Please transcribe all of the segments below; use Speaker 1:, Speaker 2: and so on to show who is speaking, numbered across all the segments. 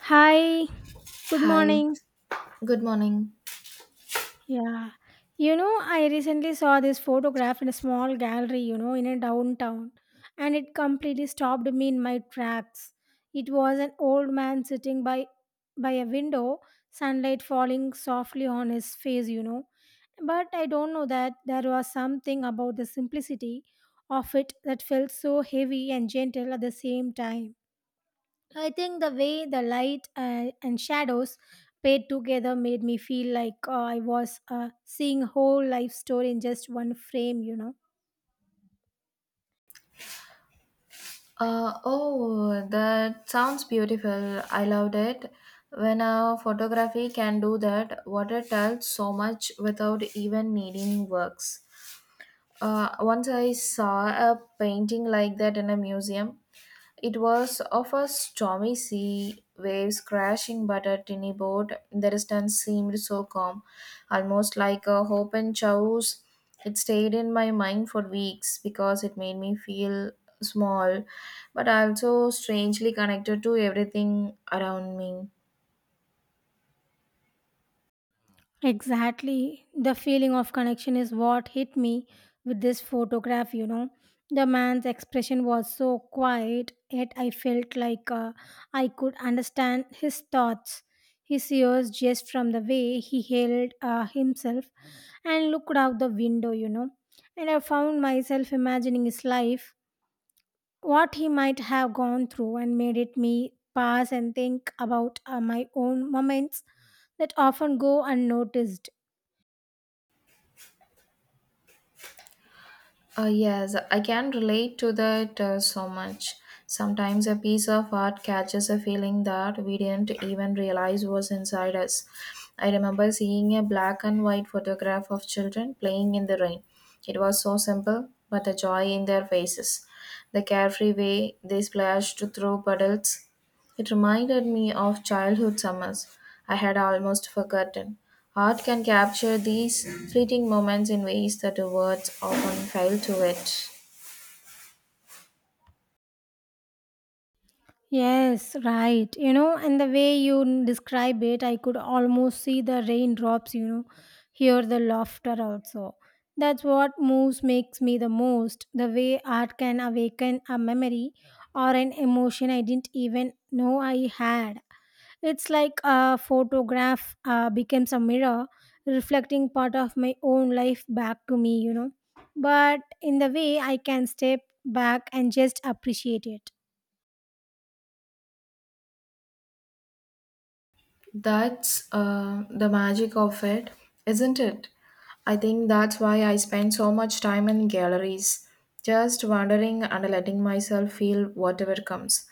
Speaker 1: Hi, good
Speaker 2: Hi,
Speaker 1: morning.
Speaker 2: good morning.
Speaker 1: Yeah, you know, I recently saw this photograph in a small gallery, you know, in a downtown, and it completely stopped me in my tracks. It was an old man sitting by a window, sunlight falling softly on his face, you know. But I don't know that there was something about the simplicity of it that felt so heavy and gentle at the same time. I think the way the light and shadows played together made me feel like I was seeing whole life story in just one frame, you know.
Speaker 2: Oh, that sounds beautiful. I loved it. When a photography can do that, water tells so much without even needing works. Once I saw a painting like that in a museum. It was of a stormy sea, waves crashing, but a tiny boat in the distance seemed so calm, almost like a hope and chows. It stayed in my mind for weeks because it made me feel small, but also strangely connected to everything around me.
Speaker 1: Exactly. The feeling of connection is what hit me with this photograph, you know. The man's expression was so quiet, yet I felt like I could understand his thoughts. His ears just from the way he held himself and looked out the window, you know. And I found myself imagining his life, what he might have gone through, and made it me pause and think about my own moments that often go unnoticed.
Speaker 2: Yes, I can relate to that so much. Sometimes a piece of art catches a feeling that we didn't even realize was inside us. I remember seeing a black and white photograph of children playing in the rain. It was so simple, but the joy in their faces, the carefree way they splashed through puddles, it reminded me of childhood summers I had almost forgotten. Art can capture these fleeting moments in ways that words often fail to it.
Speaker 1: Yes, right. You know, and the way you describe it, I could almost see the raindrops, you know, hear the laughter also. That's what moves makes me the most. The way art can awaken a memory or an emotion I didn't even know I had. It's like a photograph becomes a mirror reflecting part of my own life back to me, you know. But in the way I can step back and just appreciate it.
Speaker 2: That's the magic of it, isn't it? I think that's why I spend so much time in galleries, just wandering and letting myself feel whatever comes.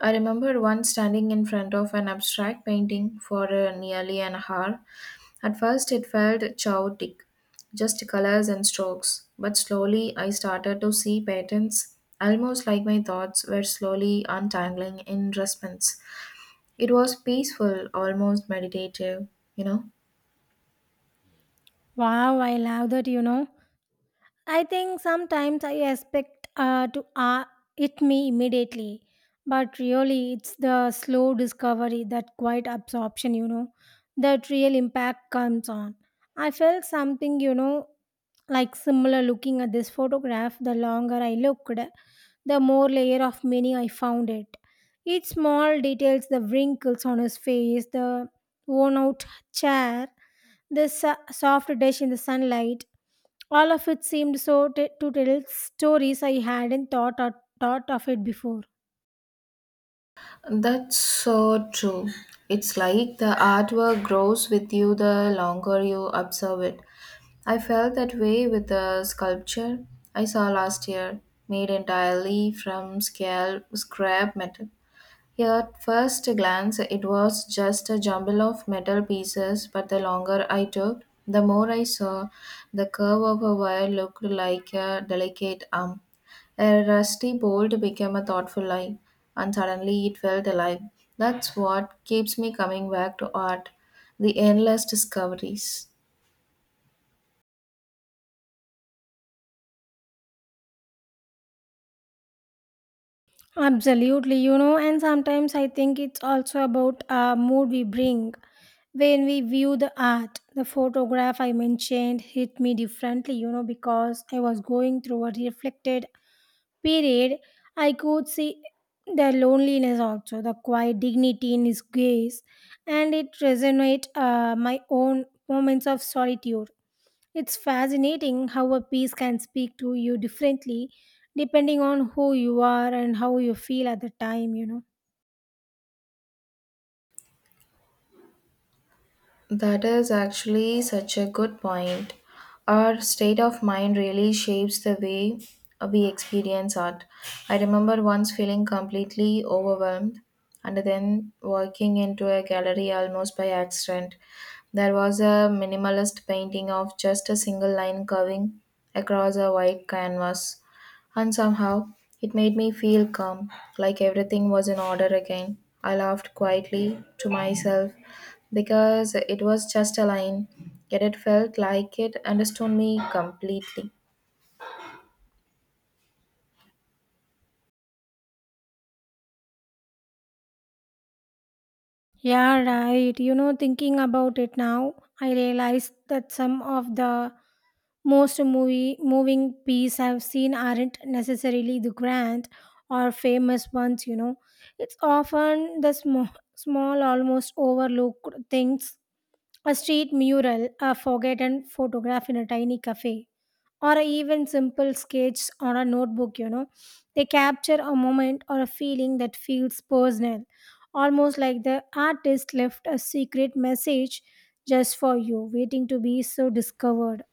Speaker 2: I remember once standing in front of an abstract painting for nearly an hour. At first, it felt chaotic, just colors and strokes, but slowly I started to see patterns, almost like my thoughts were slowly untangling in response. It was peaceful, almost meditative, you know.
Speaker 1: Wow, I love that, you know. I think sometimes I expect to hit me immediately, but really it's the slow discovery, that quiet absorption, you know, that real impact comes on. I felt something, you know, like similar looking at this photograph. The longer I looked, the more layer of meaning I found it. Each small details, the wrinkles on his face, the worn out chair, the soft dish in the sunlight all of it seemed to tell stories I hadn't thought or thought of it before.
Speaker 2: That's so true. It's like the artwork grows with you the longer you observe it. I felt that way with the sculpture I saw last year, made entirely from scale scrap metal. Yeah, at first glance, it was just a jumble of metal pieces, but the longer I took, the more I saw the curve of a wire looked like a delicate arm. A rusty bolt became a thoughtful eye, and suddenly it felt alive. That's what keeps me coming back to art, the endless discoveries.
Speaker 1: Absolutely, you know, and sometimes I think it's also about a mood we bring. When we view the art, the photograph I mentioned hit me differently, you know, because I was going through a reflected period. I could see the loneliness also, the quiet dignity in his gaze, and it resonated my own moments of solitude. It's fascinating how a piece can speak to you differently depending on who you are and how you feel at the time, you know.
Speaker 2: That is actually such a good point. Our state of mind really shapes the way we experience art. I remember once feeling completely overwhelmed and then walking into a gallery almost by accident. There was a minimalist painting of just a single line curving across a white canvas, and somehow it made me feel calm, like everything was in order again. I laughed quietly to myself because it was just a line, yet it felt like it understood me completely.
Speaker 1: Yeah, right. You know, thinking about it now, I realized that some of the most movie moving pieces I've seen aren't necessarily the grand or famous ones, you know. It's often the small, almost overlooked things. A street mural, a forgotten photograph in a tiny cafe, or even simple sketches on a notebook, you know. They capture a moment or a feeling that feels personal, almost like the artist left a secret message just for you, waiting to be so discovered.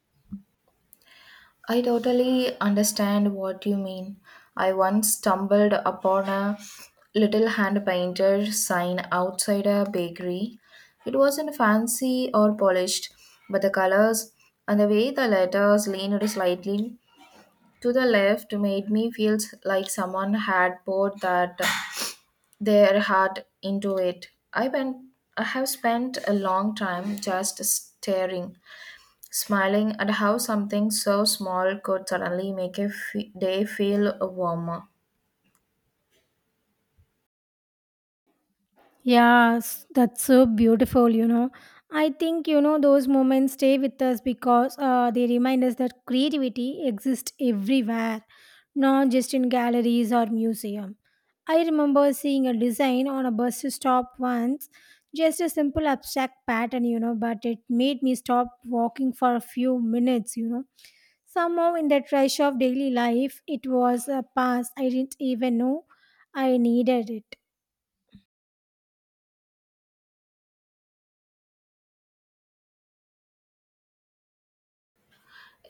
Speaker 2: I totally understand what you mean. I once stumbled upon a little hand painted sign outside a bakery. It wasn't fancy or polished, but the colors and the way the letters leaned slightly to the left made me feel like someone had poured that their heart into it. I have spent a long time just staring, smiling at how something so small could suddenly make a f- day feel warmer.
Speaker 1: Yes, that's so beautiful, you know. I think, you know, those moments stay with us because they remind us that creativity exists everywhere, not just in galleries or museum. I remember seeing a design on a bus stop once, just a simple abstract pattern, you know, but it made me stop walking for a few minutes, you know. Somehow, in that rush of daily life, it was a pass I didn't even know I needed it.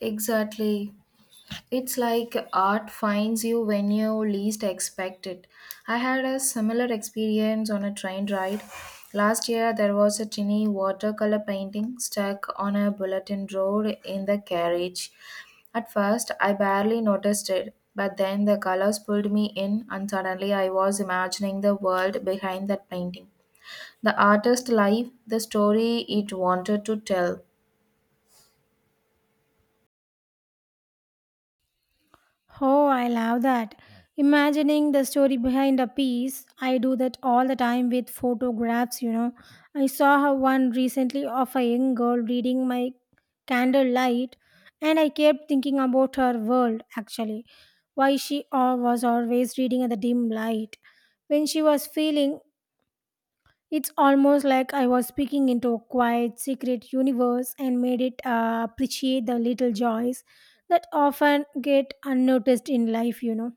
Speaker 2: Exactly. It's like art finds you when you least expect it. I had a similar experience on a train ride. Last year, there was a tiny watercolor painting stuck on a bulletin board in the carriage. At first, I barely noticed it, but then the colors pulled me in, and suddenly I was imagining the world behind that painting. The artist's life, the story it wanted to tell.
Speaker 1: Oh, I love that. Imagining the story behind a piece, I do that all the time with photographs, you know. I saw how one recently of a young girl reading my candlelight, and I kept thinking about her world actually, why she was always reading at the dim light. When she was feeling it's almost like I was speaking into a quiet, secret universe and made it appreciate the little joys that often get unnoticed in life, you know.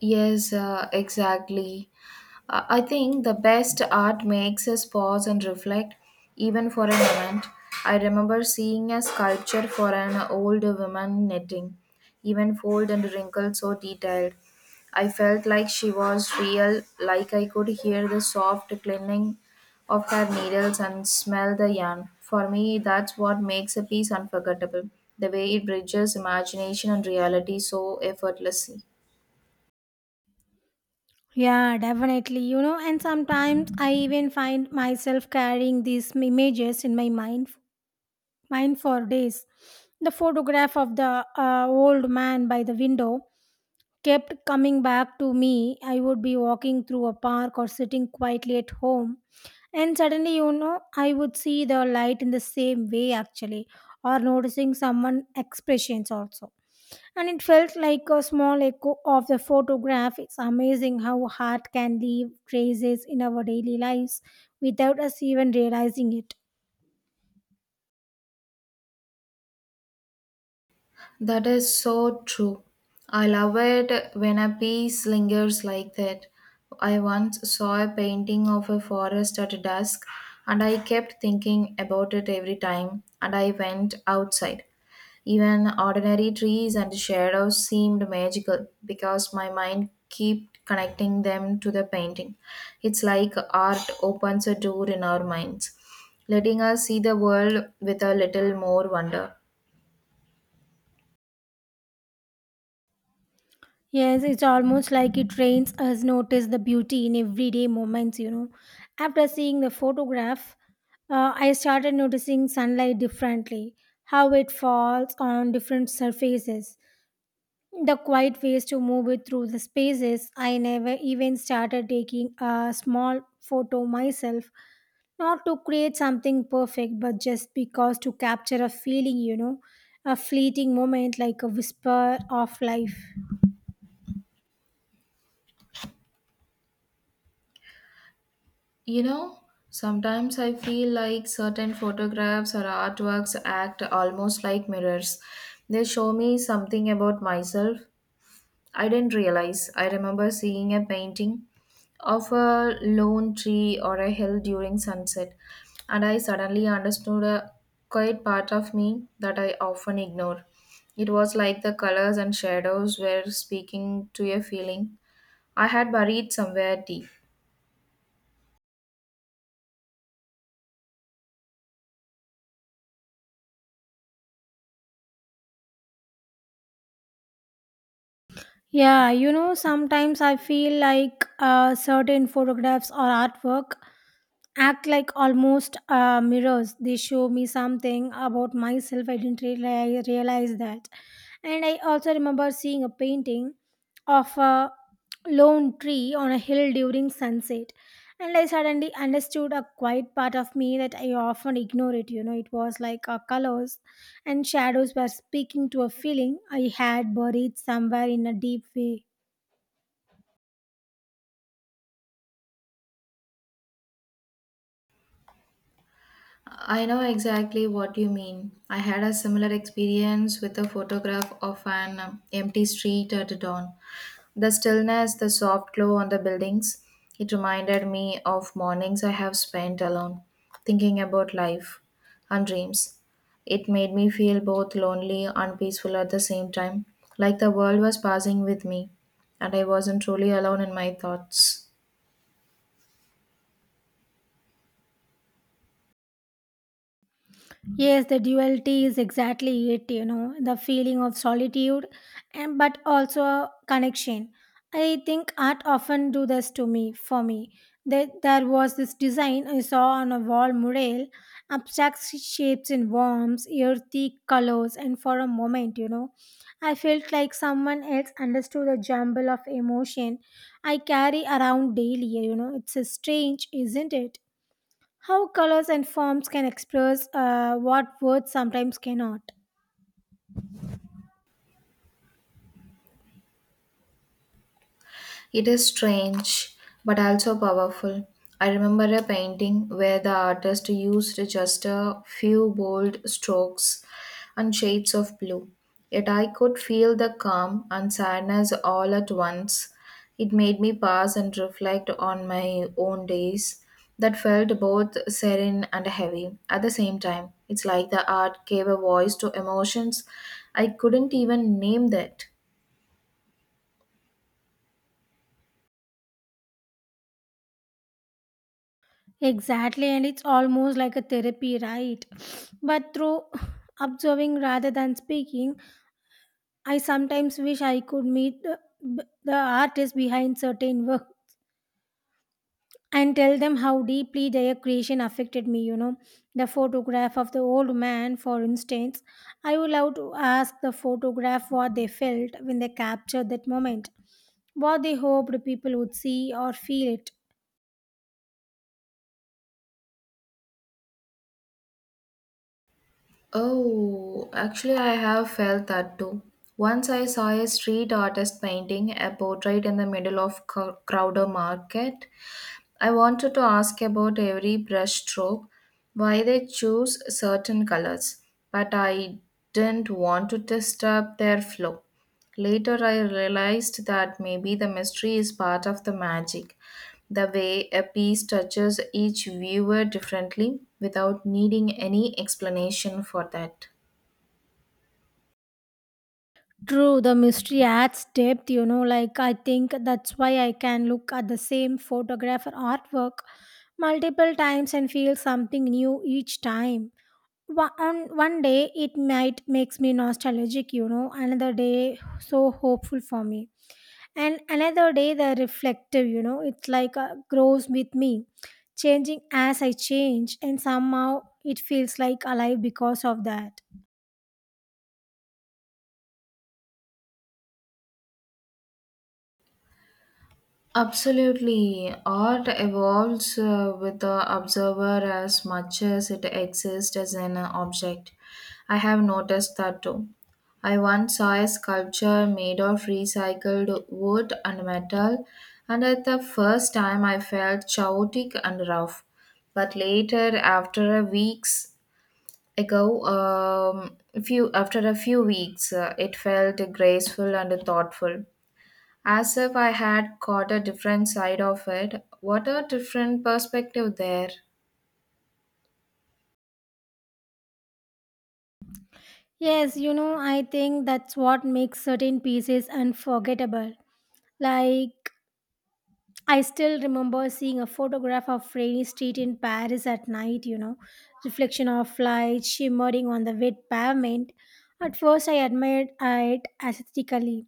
Speaker 2: Yes, exactly. I think the best art makes us pause and reflect, even for a moment. I remember seeing a sculpture for an old woman knitting, even fold and wrinkle so detailed. I felt like she was real, like I could hear the soft clinking of her needles and smell the yarn. For me, that's what makes a piece unforgettable, the way it bridges imagination and reality so effortlessly.
Speaker 1: Yeah, definitely, you know, and sometimes I even find myself carrying these images in my mind, for days. The photograph of the old man by the window kept coming back to me. I would be walking through a park or sitting quietly at home, and suddenly, you know, I would see the light in the same way actually, or noticing someone expressions also. And it felt like a small echo of the photograph. It's amazing how art can leave traces in our daily lives without us even realizing it.
Speaker 2: That is so true. I love it when a piece lingers like that. I once saw a painting of a forest at dusk, and I kept thinking about it every time and I went outside. Even ordinary trees and shadows seemed magical because my mind kept connecting them to the painting. It's like art opens a door in our minds, letting us see the world with a little more wonder.
Speaker 1: Yes, it's almost like it trains us notice the beauty in everyday moments, you know. After seeing the photograph, I started noticing sunlight differently, how it falls on different surfaces, the quiet ways to move it through the spaces. I never even started taking a small photo myself, not to create something perfect, but just because to capture a feeling, you know, a fleeting moment like a whisper of life.
Speaker 2: You know, sometimes I feel like certain photographs or artworks act almost like mirrors. They show me something about myself I didn't realize. I remember seeing a painting of a lone tree or a hill during sunset, and I suddenly understood a quiet part of me that I often ignore. It was like the colors and shadows were speaking to a feeling I had buried somewhere deep.
Speaker 1: Yeah, you know, sometimes I feel like certain photographs or artwork act like almost mirrors. They show me something about myself. I didn't realize that. And I also remember seeing a painting of a lone tree on a hill during sunset. And I suddenly understood a quiet part of me that I often ignore it. You know, it was like colors and shadows were speaking to a feeling I had buried somewhere in a deep way.
Speaker 2: I know exactly what you mean. I had a similar experience with a photograph of an empty street at dawn. The stillness, the soft glow on the buildings, it reminded me of mornings I have spent alone, thinking about life and dreams. It made me feel both lonely and peaceful at the same time, like the world was passing with me, and I wasn't truly alone in my thoughts.
Speaker 1: Yes, the duality is exactly it, you know, the feeling of solitude and but also a connection. I think art often do this to me for me. That there was this design I saw on a wall mural, abstract shapes in worms, earthy colors, and for a moment, you know, I felt like someone else understood the jumble of emotion I carry around daily, you know. It's a strange, isn't it? How colors and forms can express what words sometimes cannot.
Speaker 2: It is strange but also powerful. I remember a painting where the artist used just a few bold strokes and shades of blue. Yet I could feel the calm and sadness all at once. It made me pause and reflect on my own days that felt both serene and heavy at the same time. It's like the art gave a voice to emotions I couldn't even name that.
Speaker 1: Exactly, and it's almost like a therapy, right? But through observing rather than speaking, I sometimes wish I could meet the artist behind certain work, and tell them how deeply their creation affected me, you know. The photograph of the old man, for instance, I would love to ask the photograph what they felt when they captured that moment, what they hoped people would see or feel it.
Speaker 2: Oh, actually, I have felt that too. Once I saw a street artist painting a portrait in the middle of Crowder Market. I wanted to ask about every brush stroke, why they choose certain colors, but I didn't want to disturb their flow. Later, I realized that maybe the mystery is part of the magic, the way a piece touches each viewer differently without needing any explanation for that.
Speaker 1: True, the mystery adds depth, you know. Like, I think that's why I can look at the same photograph or artwork multiple times and feel something new each time. On one day it might makes me nostalgic, you know, another day so hopeful for me, and another day the reflective, you know. It's like grows with me, changing as I change, and somehow it feels like alive because of that.
Speaker 2: Absolutely. Art evolves with the observer as much as it exists as an object. I have noticed that too. I once saw a sculpture made of recycled wood and metal, and at the first time I felt chaotic and rough. But later, after a weeks ago, um, few after a few weeks, it felt graceful and thoughtful as if I had caught a different side of it. What a different perspective there.
Speaker 1: Yes, you know, I think that's what makes certain pieces unforgettable. Like, I still remember seeing a photograph of rainy street in Paris at night, you know, reflection of light shimmering on the wet pavement. At first, I admired it aesthetically,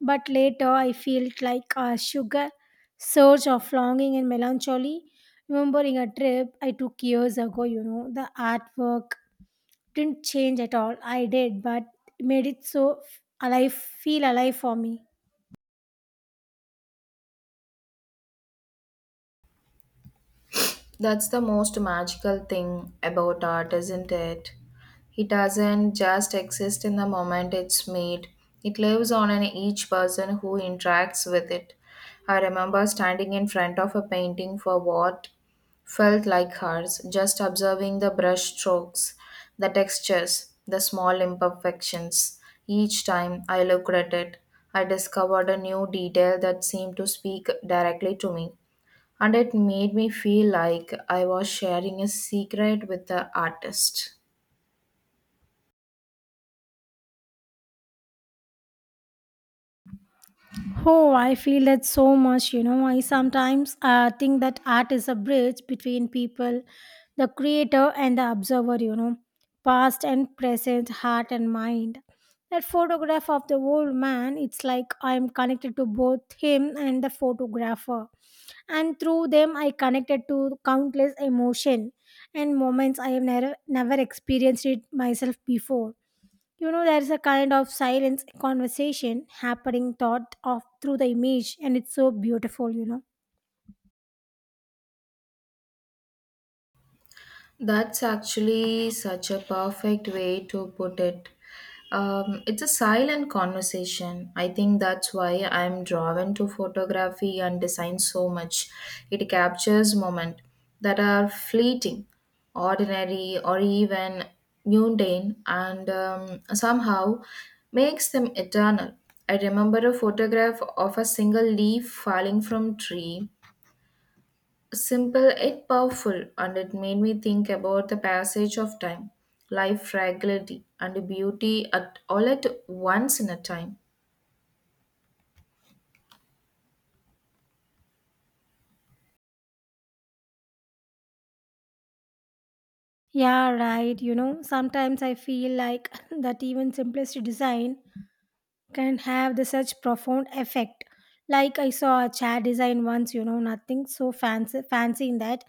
Speaker 1: but later I felt like a sugar surge of longing and melancholy, remembering a trip I took years ago, you know. The artwork didn't change at all. I did, but it made it so alive, feel alive for me.
Speaker 2: That's the most magical thing about art, isn't it? It doesn't just exist in the moment it's made, it lives on in each person who interacts with it. I remember standing in front of a painting for what felt like hours, just observing the brush strokes, the textures, the small imperfections. Each time I looked at it, I discovered a new detail that seemed to speak directly to me and it made me feel like I was sharing a secret with the artist.
Speaker 1: Oh, I feel that so much. You know, I sometimes think that art is a bridge between people, the creator and the observer, you know, past and present, heart and mind. That photograph of the old man, it's like I'm connected to both him and the photographer. And through them, I connected to countless emotion and moments I have never experienced it myself before. You know, there is a kind of silence conversation happening thought of through the image, and it's so beautiful, you know.
Speaker 2: That's actually such a perfect way to put it. It's a silent conversation. I think that's why I'm drawn to photography and design so much. It captures moments that are fleeting, ordinary, or even mundane, and somehow makes them eternal. I remember a photograph of a single leaf falling from tree. Simple yet powerful, and it made me think about the passage of time, life fragility, and beauty at all at once in a time.
Speaker 1: Yeah, right. You know, sometimes I feel like that even simplest design can have the such profound effect. Like I saw a chair design once, you know, nothing so fancy in that,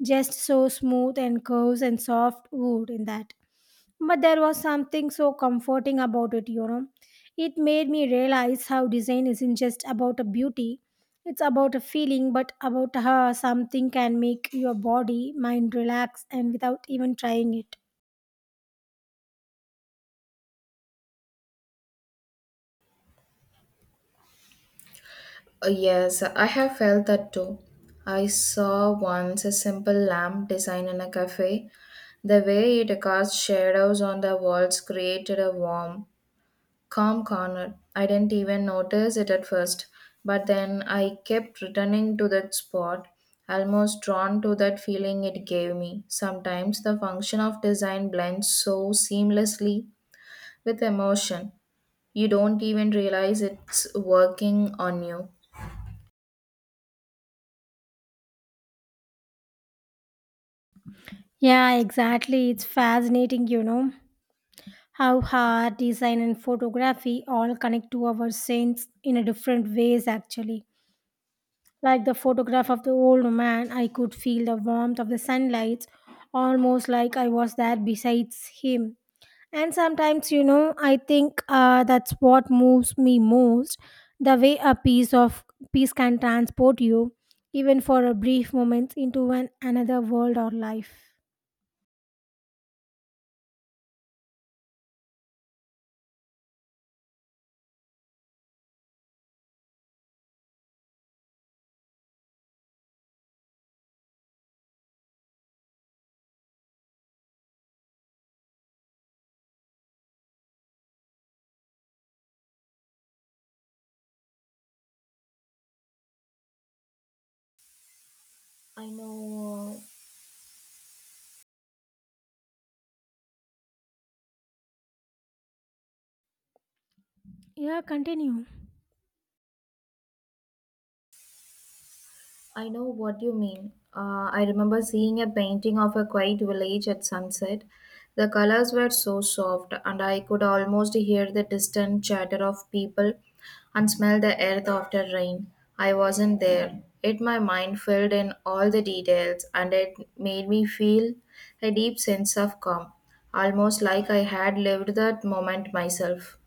Speaker 1: just so smooth and curves and soft wood in that. But there was something so comforting about it, you know. It made me realize how design isn't just about a beauty, it's about a feeling, but about how something can make your body, mind relax and without even trying it.
Speaker 2: Yes, I have felt that too. I saw once a simple lamp design in a cafe. The way it cast shadows on the walls created a warm, calm corner. I didn't even notice it at first, but then I kept returning to that spot, almost drawn to that feeling it gave me. Sometimes the function of design blends so seamlessly with emotion, you don't even realize it's working on you.
Speaker 1: Yeah, exactly. It's fascinating, you know, how art, design, and photography all connect to our sense in a different ways, actually. Like the photograph of the old man, I could feel the warmth of the sunlight, almost like I was there besides him. And sometimes, you know, I think that's what moves me most, the way a piece can transport you, even for a brief moment, into another world or life.
Speaker 2: I know
Speaker 1: Yeah, continue.
Speaker 2: I know what you mean. I remember seeing a painting of a quiet village at sunset. The colors were so soft, and I could almost hear the distant chatter of people and smell the earth after rain. I wasn't there. Yet my mind filled in all the details, and it made me feel a deep sense of calm, almost like I had lived that moment myself.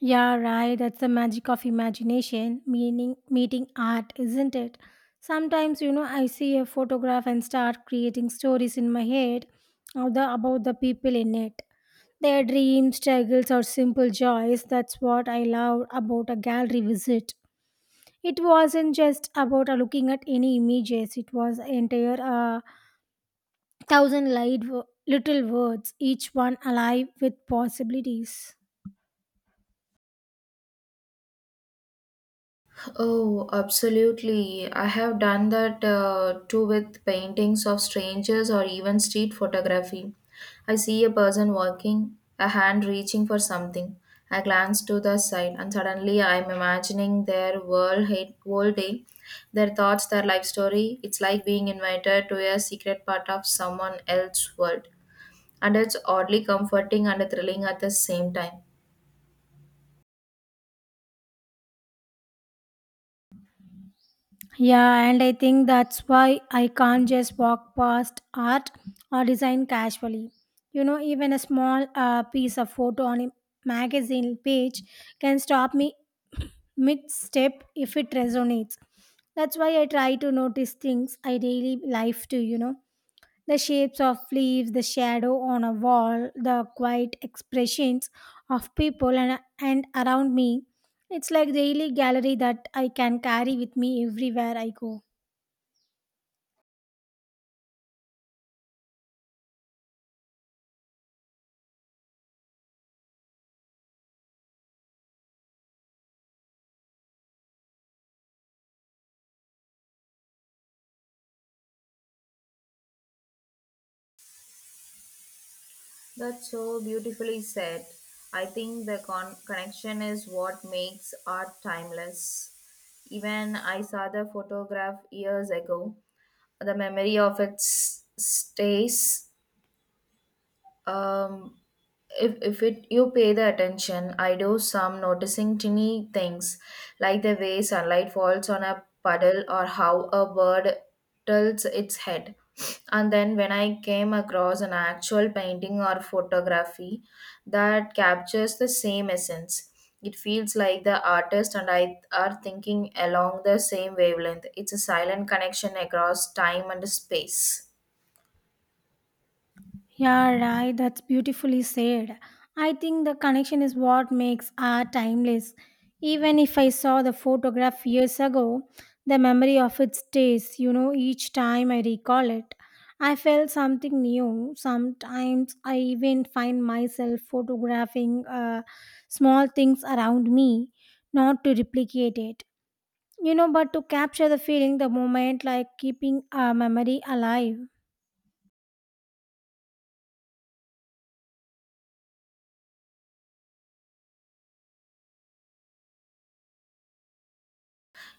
Speaker 1: Yeah, right. That's the magic of imagination, meaning meeting art, isn't it? Sometimes, you know, I see a photograph and start creating stories in my head of about the people in it. Their dreams, struggles, or simple joys. That's what I loved about a gallery visit. It wasn't just about looking at any images, it was entire thousand light, little words, each one alive with possibilities.
Speaker 2: Oh, absolutely. I have done that too with paintings of strangers or even street photography. I see a person walking, a hand reaching for something. I glance to the side, and suddenly I'm imagining their world, hate, world day, their thoughts, their life story. It's like being invited to a secret part of someone else's world. And it's oddly comforting and thrilling at the same time.
Speaker 1: Yeah, and I think that's why I can't just walk past art or design casually. You know, even a small piece of photo on a magazine page can stop me mid step if it resonates. That's why I try to notice things I daily life too, you know. The shapes of leaves, the shadow on a wall, the quiet expressions of people and around me. It's like daily gallery that I can carry with me everywhere I go.
Speaker 2: That's so beautifully said. I think the connection is what makes art timeless. Even I saw the photograph years ago. The memory of it stays. um if it you pay the attention, I do some noticing tiny things like the way sunlight falls on a puddle or how a bird tilts its head. And then when I came across an actual painting or photography that captures the same essence, it feels like the artist and I are thinking along the same wavelength. It's a silent connection across time and space.
Speaker 1: Yeah, right. That's beautifully said. I think the connection is what makes art timeless. Even if I saw the photograph years ago, the memory of it stays, you know, each time I recall it. I felt something new. Sometimes I even find myself photographing small things around me, not to replicate it, you know, but to capture the feeling, the moment, like keeping a memory alive.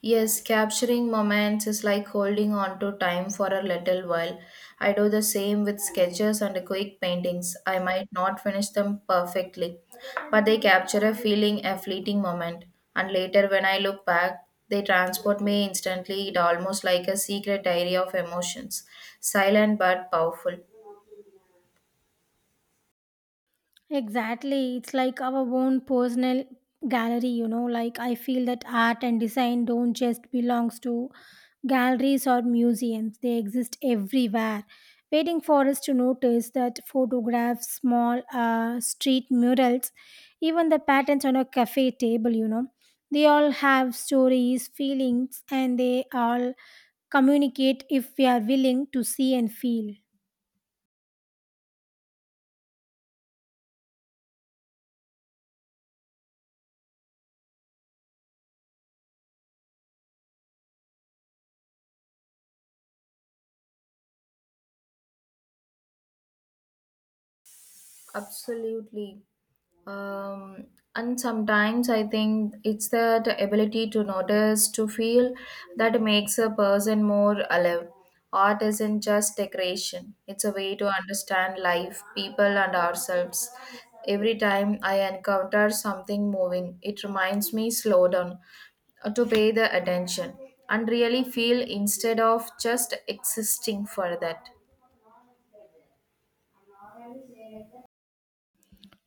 Speaker 2: Yes, capturing moments is like holding on to time for a little while. I do the same with sketches and quick paintings. I might not finish them perfectly, but they capture a feeling, a fleeting moment. And later, when I look back, they transport me instantly, it almost like a secret area of emotions, silent but powerful.
Speaker 1: Exactly. It's like our own personal gallery, you know, like I feel that art and design don't just belongs to galleries or museums. They exist everywhere. Waiting for us to notice that photographs, small street murals, even the patterns on a cafe table, you know, they all have stories, feelings, and they all communicate if we are willing to see and feel.
Speaker 2: Absolutely. Um, and sometimes I think it's that ability to notice, to feel that makes a person more alive. Art isn't just decoration, it's a way to understand life, people, and ourselves. Every time I encounter something moving, it reminds me slow down, to pay the attention, and really feel instead of just existing for that.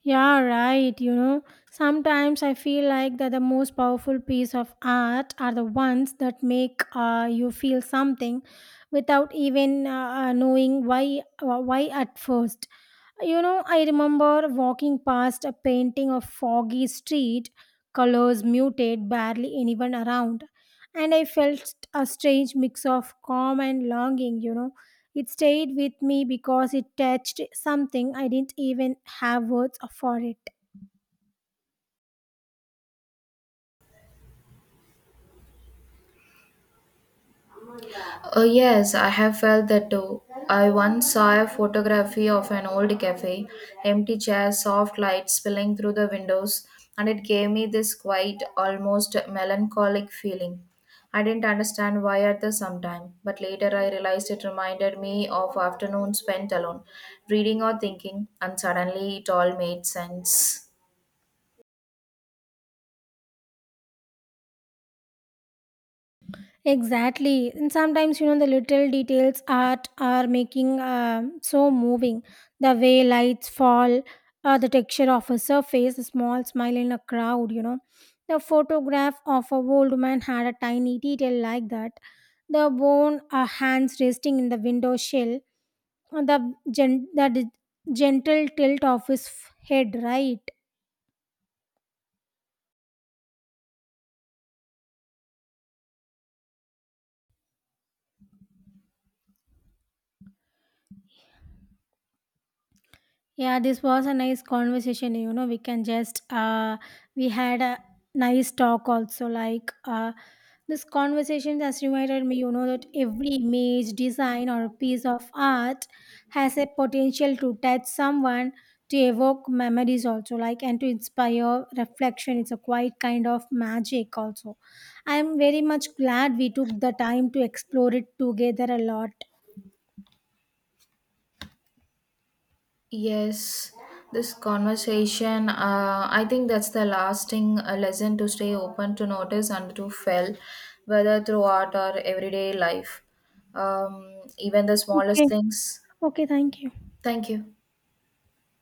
Speaker 1: Yeah, right. You know, sometimes I feel like that the most powerful piece of art are the ones that make you feel something without even knowing why at first. You know, I remember walking past a painting of foggy street, colors muted, barely anyone around, and I felt a strange mix of calm and longing, you know. It stayed with me because it touched something I didn't even have words for it.
Speaker 2: Oh, yes, I have felt that too. I once saw a photography of an old cafe, empty chairs, soft light spilling through the windows, and it gave me this quiet, almost melancholic feeling. I didn't understand why at the some time, but later I realized it reminded me of afternoons spent alone, reading or thinking, and suddenly it all made sense.
Speaker 1: Exactly. And sometimes, you know, the little details art are making so moving. The way lights fall, the texture of a surface, a small smile in a crowd, you know. The photograph of a old man had a tiny detail like that. The bone hands resting in the window sill, the, gen- the d- gentle tilt of his head, right? Yeah, this was a nice conversation. You know, we can just we had a nice talk also. Like this conversation has reminded me, you know, that every image, design, or piece of art has a potential to touch someone, to evoke memories also, like and to inspire reflection. It's a quite kind of magic also. I am very much glad we took the time to explore it together a lot.
Speaker 2: Yes, this conversation, I think that's the lasting lesson to stay open to notice and to feel, whether through art or everyday life. Even the smallest
Speaker 1: Okay.
Speaker 2: things.
Speaker 1: Okay. Thank you.
Speaker 2: Thank you.